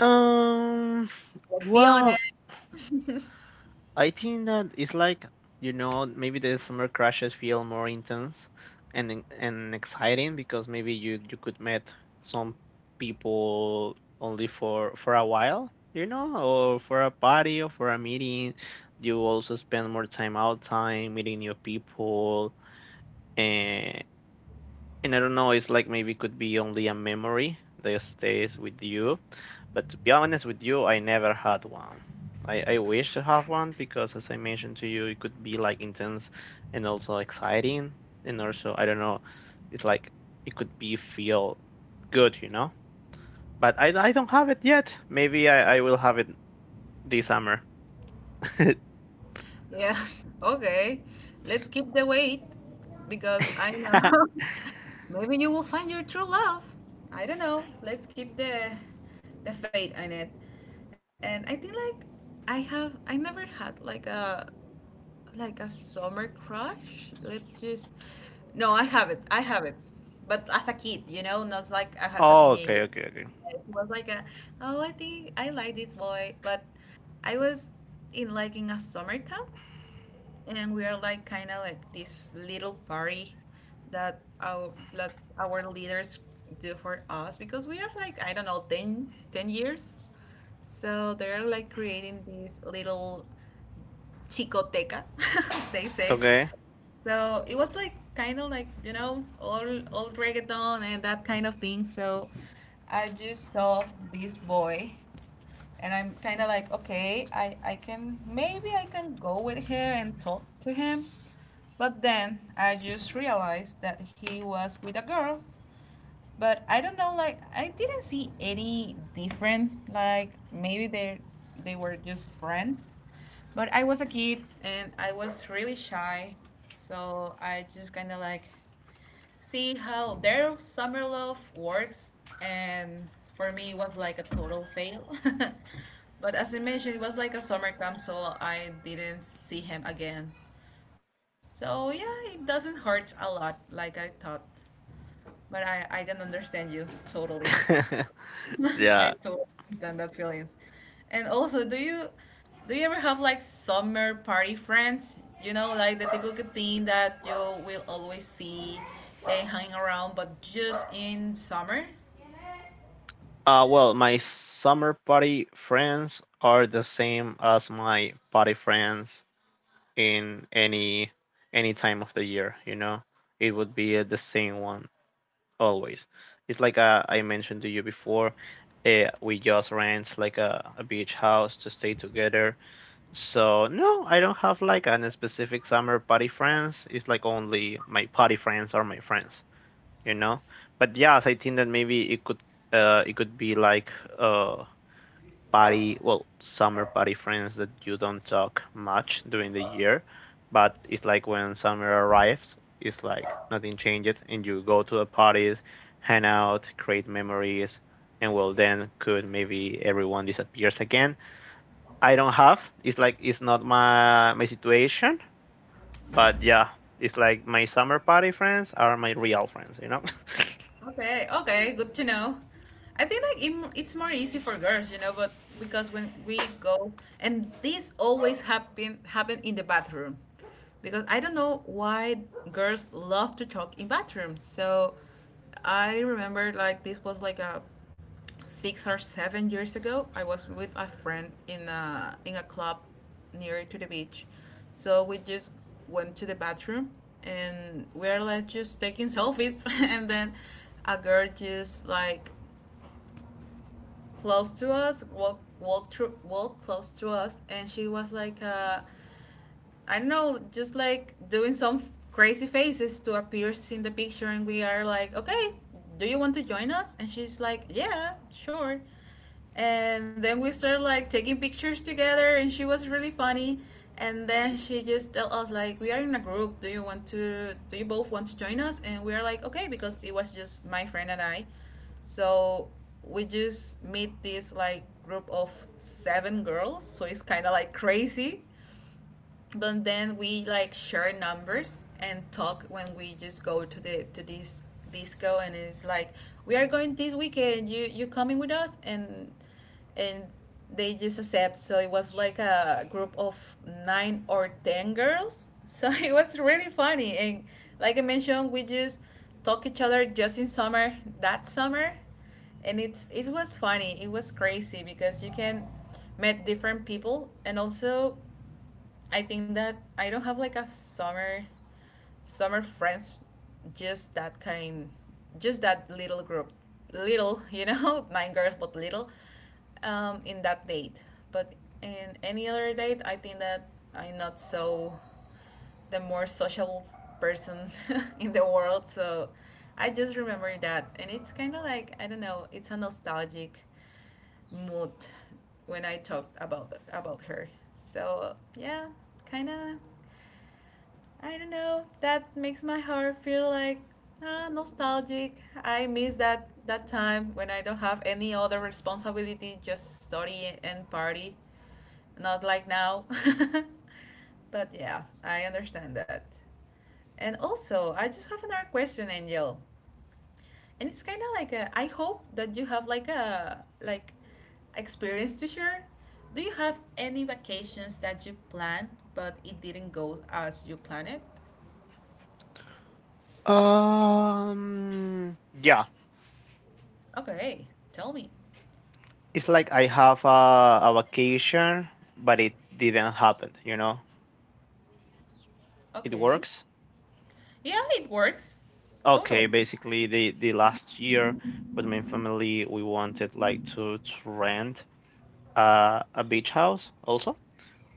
Um,
Let's be honest.
well, I think that it's like, you know, maybe the summer crashes feel more intense and exciting because maybe you could meet some people only for a while, you know, or for a party or for a meeting. You also spend more time outside meeting new people, and and I don't know, it's like maybe it could be only a memory that stays with you, but to be honest with you, I never had one. I wish to have one because, as I mentioned to you, it could be like intense and also exciting. And also, I don't know, it's like it could be feel good, you know? But I don't have it yet. Maybe I will have it this summer.
Yes. Okay. Let's keep the wait, because I know maybe you will find your true love. I don't know. Let's keep the fate on it. And I think like I never had like a summer crush. Let's just. No, I have it. I have it. But as a kid, you know, not like as a
Oh, okay,
teenager.
okay, okay.
It was like a, oh, I think I like this boy. But I was in like in a summer camp, and we are like kind of like this little party that our leaders do for us, because we are like I don't know ten years, so they're like creating these little chicoteca, they say.
Okay.
So it was like kind of like you know old reggaeton and that kind of thing. So I just saw this boy, and I'm kind of like, okay, I can maybe I can go with her and talk to him. But then I just realized that he was with a girl, but I don't know. Like I didn't see any different. Like maybe they were just friends, but I was a kid and I was really shy, so I just kind of like see how their summer love works, and for me it was like a total fail. But as I mentioned, it was like a summer camp, so I didn't see him again. So yeah, it doesn't hurt a lot like I thought, but I can understand you totally. I
Yeah.
totally understand that feelings. And also, do you ever have like summer party friends? You know, like the typical thing that you will always see and hang around, but just in summer.
Well, my summer party friends are the same as my party friends in any time of the year, you know. It would be the same one always. It's like, I mentioned to you before, we just rent like a beach house to stay together. So no, I don't have like an specific summer party friends. It's like only my party friends are my friends, you know. But yes, I think that maybe it could be like uh party, well, summer party friends that you don't talk much during the year, but it's like when summer arrives, it's like nothing changes, and you go to the parties, hang out, create memories, and well, then could maybe everyone disappears again. I don't have. It's like it's not my situation, but yeah, it's like my summer party friends are my real friends, you know.
Okay, okay, good to know. I think like it's more easy for girls, you know, but because when we go, and this always happen in the bathroom. Because I don't know why girls love to talk in bathrooms. So I remember like this was like a 6 or 7 years ago. I was with a friend in a club near to the beach. So we just went to the bathroom, and we are like just taking selfies, and then a girl just like close to us walk close to us, and she was like I don't know, just like doing some crazy faces to appear in the picture, and we are like, okay, do you want to join us? And she's like, yeah, sure. And then we started like taking pictures together, and she was really funny. And then she just told us like, we are in a group. Do you want to? Do you both want to join us? And we are like, okay, because it was just my friend and I. So we just meet this like group of seven girls. So it's kind of like crazy, but then we like share numbers and talk when we just go to the to this disco, and it's like we are going this weekend, you coming with us, and they just accept. So it was like a group of nine or ten girls. So it was really funny, and like I mentioned, we just talk each other just in summer, that summer. And it was funny, it was crazy, because you can met different people. And also I think that I don't have like a summer friends, just that kind, just that little group, little, you know, nine girls but little, in that date, but in any other date I think that I'm not so the more sociable person in the world. So I just remember that, and it's kind of like I don't know, it's a nostalgic mood when I talked about her. So yeah, kind of I don't know. That makes my heart feel like ah, nostalgic. I miss that time when I don't have any other responsibility, just study and party. Not like now. But yeah, I understand that. And also, I just have another question, Angel, and it's kind of like a, I hope that you have like a like experience to share. Do you have any vacations that you planned but it didn't go as you planned it?
um, yeah,
Okay, tell me.
it's like I have a vacation, but it didn't happen. You know, it
Okay.
works.
Yeah, it works.
Okay,
Totally.
basically the last year with my family, we wanted like to rent a beach house also.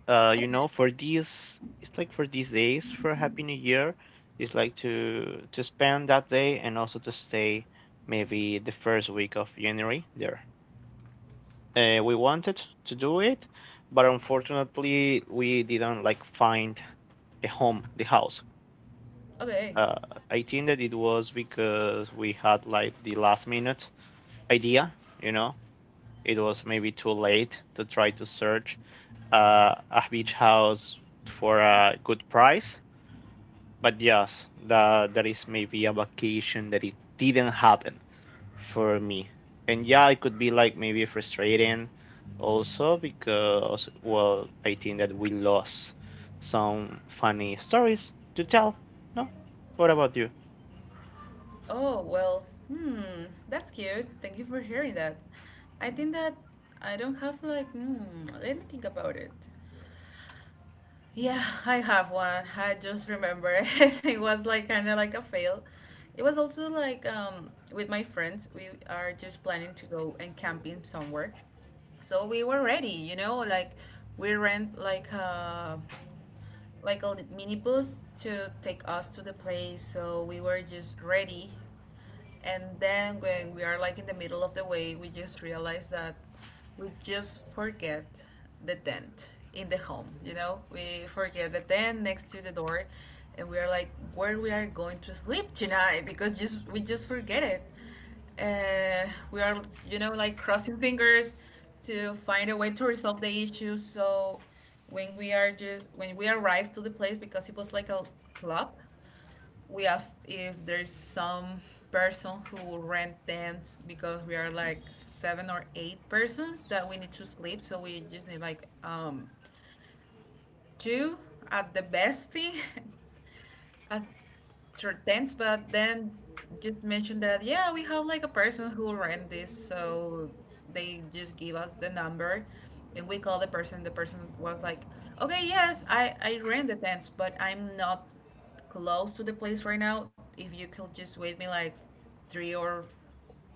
You
Okay.
know, for these it's like for these days for Happy New Year, it's like to spend that day and also to stay maybe the first week of January there. We wanted to do it, but unfortunately we didn't like find the home, the house.
Okay.
Uh, I think that it was because we had like the last minute idea, you know. It was maybe too late to try to search a beach house for a good price. But yes, that that is maybe a vacation that it didn't happen for me. And yeah, it could be like maybe frustrating also because well, I think that we lost some funny stories to tell. No, what about you?
Oh, well, hmm, that's cute. Thank you for sharing that. I think that I don't have like, hmm, let me think about it. Yeah, I have one. I just remember it. Was like kind of like a fail. It was also like with my friends, we are just planning to go and camping somewhere. So we were ready, you know, like we rent like a mini bus to take us to the place. So we were just ready, and then when we are like in the middle of the way, we just realize that we just forget the tent in the home. You know, we forget the tent next to the door, and we are like where we are going to sleep tonight? Because just we just forget it. We are, you know, like crossing fingers to find a way to resolve the issue. So when we arrived to the place, because it was like a club, we asked if there's some person who will rent tents, because we are like seven or eight persons that we need to sleep. So we just need like two at the best thing as sure tents. But then just mentioned that yeah, we have like a person who rent this. So they just give us the number, and we call the person. The person was like, okay, yes, I rent the tents, but I'm not close to the place right now. If you could just wait me like three or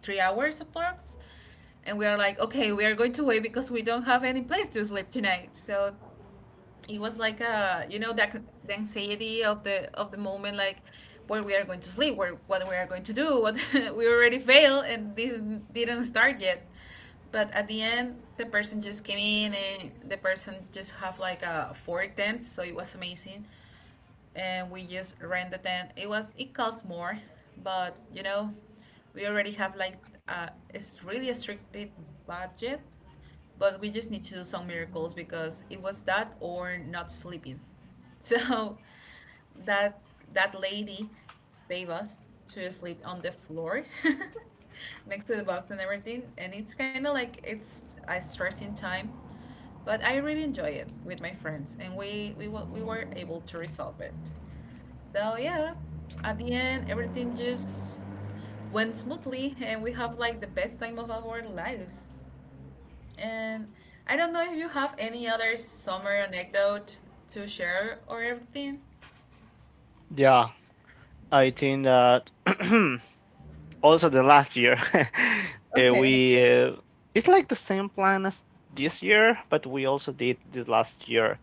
three hours approx. And we are like, okay, we are going to wait because we don't have any place to sleep tonight. So it was like a, you know that the anxiety of the moment, like where we are going to sleep, where, what we are going to do, what we already failed and this didn't start yet. But at the end, the person just came in, and the person just have like a four tents. So it was amazing, and we just rent the tent. It was it cost more, but you know, we already have like a, it's really a stricted budget. But we just need to do some miracles, because it was that or not sleeping. So that that lady saved us to sleep on the floor. Next to the box and everything. And it's kind of like it's a stressing time, but I really enjoy it with my friends, and we were able to resolve it. So yeah, at the end, everything just went smoothly, and we have like the best time of our lives. And I don't know if you have any other summer anecdote to share or everything.
Yeah, I think that also the last year eh,
Okay.
we it's like the same plan as this year, but we also did the last year.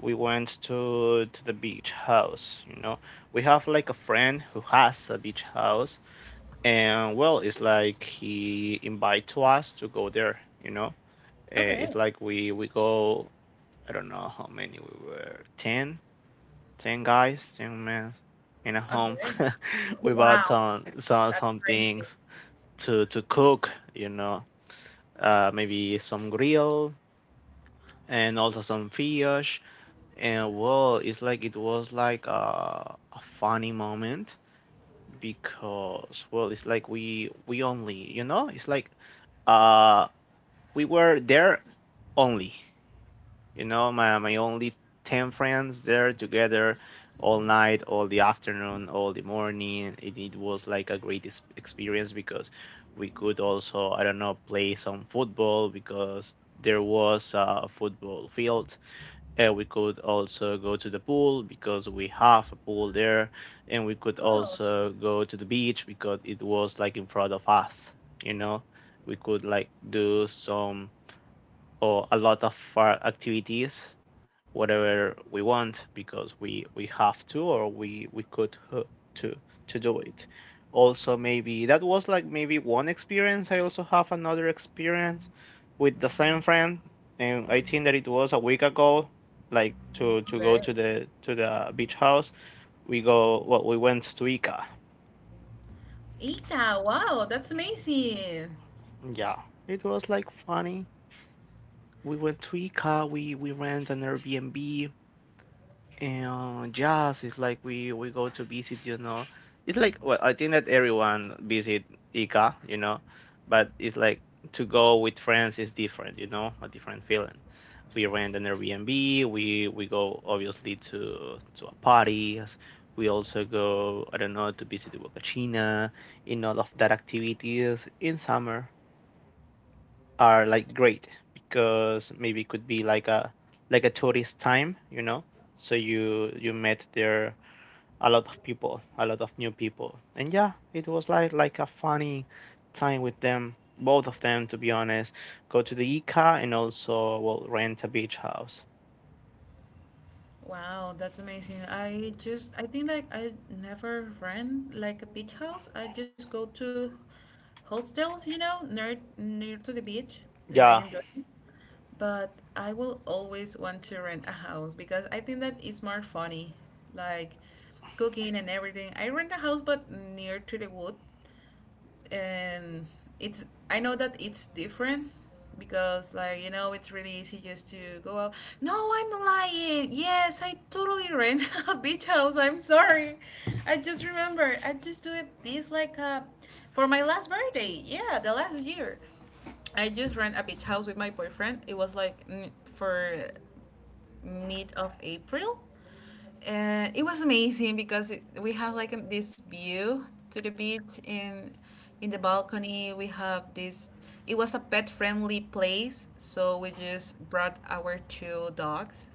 We went to the beach house. You know, we have like a friend who has a beach house, and well, it's like he invite to us to go there. You know, Eh,
Okay.
it's like we go. I don't know how many we were, ten guys, ten men in a home.
Okay.
We bought
Wow.
some some
That's
some
crazy.
things to cook, you know, maybe some grill and also some fish. And well, it's like it was like a funny moment because well, it's like we only, you know, it's like uh we were there only. You know, my only ten friends there together all night, all the afternoon, all the morning. It was like a great experience because we could also, I don't know, play some football because there was a football field. We could also go to the pool because we have a pool there, and we could also go to the beach because it was like in front of us. You know, we could like do some or a lot of activities whatever we want because we have to or we could to to do it. Also maybe that was like maybe one experience. I also have another experience with the same friend, and I think that it was a week ago like
Okay.
to go to the beach house. We go, well, we went to Ica.
Ika, wow, that's amazing.
Yeah, it was like funny. We went to Ica, we rent an Airbnb. And yes, it's like we go to visit, you know. It's like well, I think that everyone visit Ica, you know, but it's like to go with friends is different, you know, a different feeling. We rent an Airbnb. We go obviously to a parties. We also go, I don't know, to visit the Huacachina, in all of that activities in summer are like great because maybe it could be like a tourist time, you know. So you met there a lot of people, a lot of new people, and yeah, it was like a funny time with them, both of them to be honest. Go to the Ica and also well rent a beach house.
Wow, that's amazing. I think like I never ran like a beach house. I just go to hostels, near to the beach and I
Yeah,
enjoy. But I will always want to rent a house because I think that it's more funny, like cooking and everything. I rent a house, but near to the wood, and it's. I know that it's different because, like, it's really easy just to go out. No, I'm lying. Yes, I totally rent a beach house. I'm sorry. I just remember. I just do it this like for my last birthday. Yeah, the last year. I just rent a beach house with my boyfriend. It was like for mid of April, and it was amazing because we have like this view to the beach in the balcony. We have this. It was a pet friendly place, so we just brought our two dogs,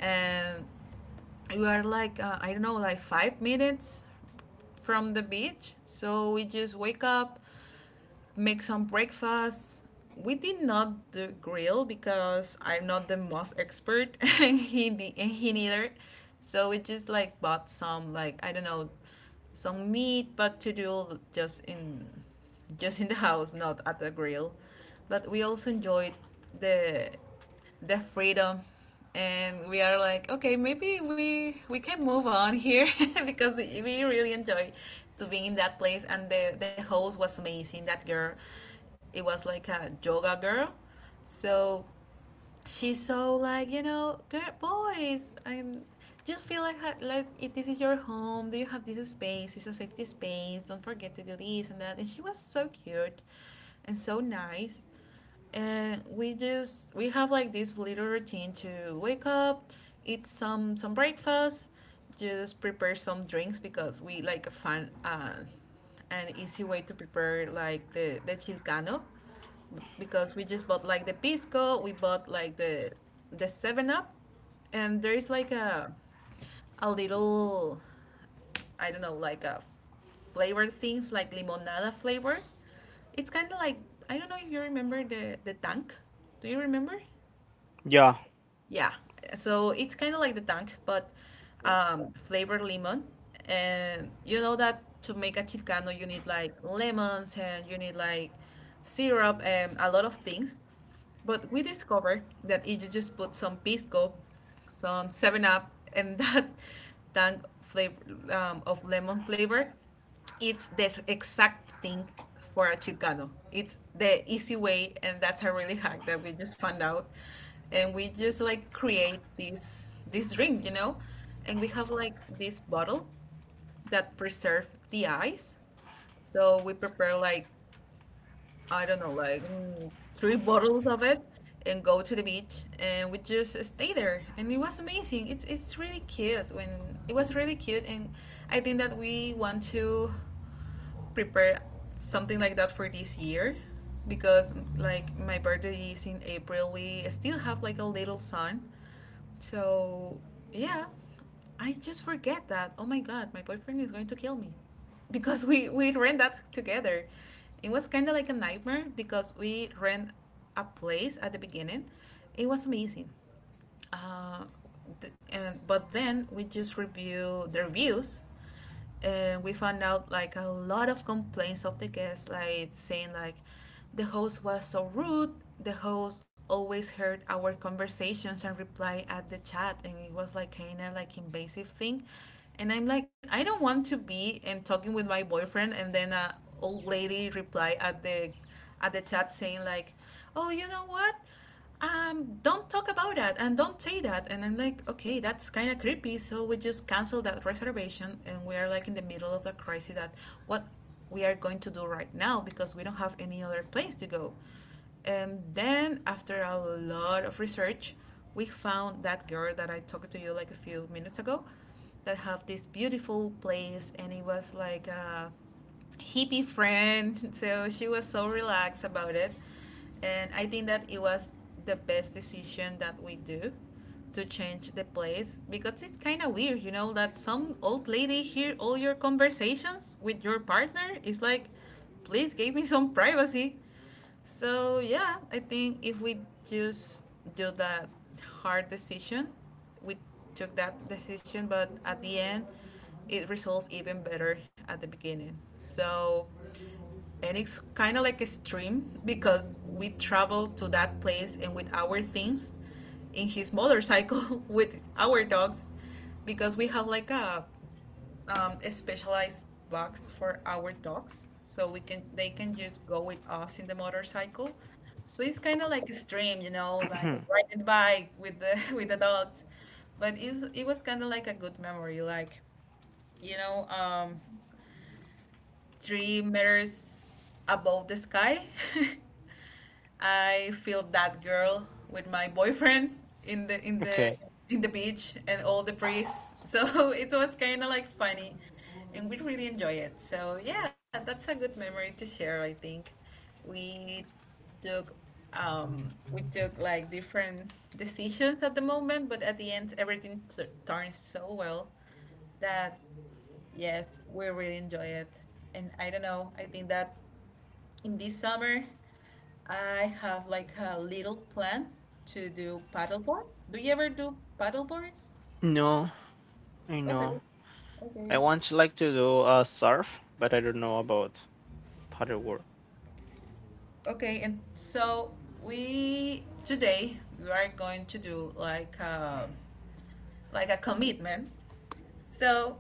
and we are like I don't know, like 5 minutes from the beach. So we just wake up, make some breakfast. We did not do grill because I'm not the most expert, and he neither. So we just like bought some, like, I don't know, some meat, but to do just in the house, not at the grill. But we also enjoyed the the freedom, and we are like, okay, maybe we can move on here because we really enjoy to being in that place. And the host was amazing, that girl, it was like a yoga girl. So she's so like girl, boys, and just feel like like, if this is your home, do you have this space, it's a safety space, don't forget to do this and that. And she was so cute and so nice. And we have like this little routine to wake up, eat some breakfast, just prepare some drinks, because we like a fun, an easy way to prepare like the chilcano, because we just bought like the pisco, we bought like the Seven Up, and there is like a little, I don't know, like a flavor things like limonada flavor. It's kind of like, I don't know if you remember the tank. Do you remember?
yeah.
Yeah. So it's kind of like the tank, but flavored lemon. And you know that to make a chilcano, you need like lemons and you need like syrup and a lot of things. But we discovered that if you just put some pisco, some 7 Up, and that tank flavor, of lemon flavor, it's the exact thing for a chicano. It's the easy way, and that's a really hack that we just found out. And we just like create this drink, and we have like this bottle that preserves the ice. So we prepare like, I don't know, like three bottles of it, and go to the beach, and we just stay there, and it was amazing. It's really cute when it was really cute. And I think that we want to prepare something like that for this year because like my birthday is in April. We still have like a little sun. So, yeah. I just forget that. Oh my god, my boyfriend is going to kill me. Because we rent that together. It was kind of like a nightmare because we rent a place at the beginning. It was amazing. Uh, but then we just review the reviews, and we found out like a lot of complaints of the guests, like saying like the host was so rude, the host always heard our conversations and reply at the chat, and it was like kind of like invasive thing. And I'm like, I don't want to be and talking with my boyfriend, and then a old lady reply at the chat, saying like, oh, you know what, don't talk about that and don't say that. And I'm like, okay, that's kind of creepy. So we just cancel that reservation, and we are like in the middle of the crisis. That what we are going to do right now, because we don't have any other place to go. And then, after a lot of research, we found that girl that I talked to you like a few minutes ago that have this beautiful place, and it was like a hippie friend. So she was so relaxed about it. And I think that it was the best decision that we do, to change the place, because it's kind of weird, that some old lady hear all your conversations with your partner. It's like, please give me some privacy. So yeah, I think if we just do that hard decision, we took that decision, but at the end, it results even better at the beginning. So, and it's kind of like a stream because we traveled to that place and with our things in his motorcycle with our dogs, because we have like a specialized box for our dogs, so we can they can just go with us in the motorcycle. So it's kind of like extreme, like riding the bike with the with the dogs. But it was kind of like a good memory, like you know, um, 3 meters above the sky. I feel that girl with my boyfriend in the in the
Okay.
in the beach and all the priests. So it was kind of like funny, and we really enjoy it. So yeah, that's a good memory to share. I think we took we took like different decisions at the moment, but at the end everything turns so well that, yes, we really enjoy it. And I don't know, I think that in this summer I have like a little plan to do paddleboard. Do you ever do paddleboard?
No, I know.
Okay.
I
Okay.
want to like to do surf, but I don't know about paddleboard.
Okay, and so we today we are going to do like a commitment. So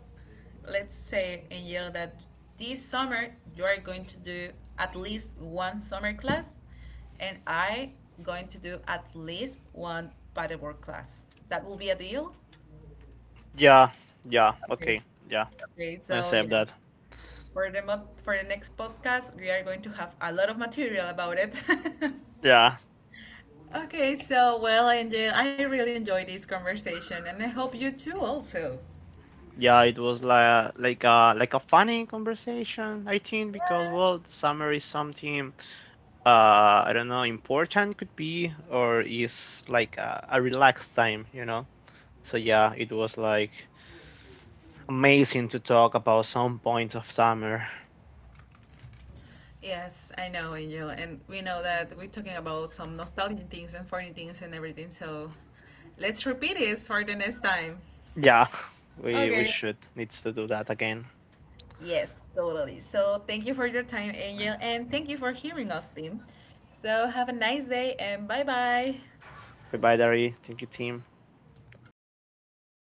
let's say, Angel, that this summer you are going to do at least one summer class, and I going to do at least one paddleboard class. That will be a deal?
Yeah, yeah.
Okay.
Okay, yeah.
Okay,
I
so
save
yeah,
that.
for the next podcast, we are going to have a lot of material about it.
Yeah,
Okay, so well, I really enjoyed this conversation, and I hope you too also.
yeah, it was like like a funny conversation, I think, because well, summer is something, I don't know, important could be or is like a relaxed time, you know. So yeah, it was like amazing to talk about some points of summer.
Yes, I know, Angel, and we know that we're talking about some nostalgic things and funny things and everything. So let's repeat this for the next time.
Yeah. We
Okay.
should needs to do that again.
Yes, totally. So thank you for your time, Angel, and thank you for hearing us, team. So have a nice day and bye bye.
Goodbye, Dari, thank you, team.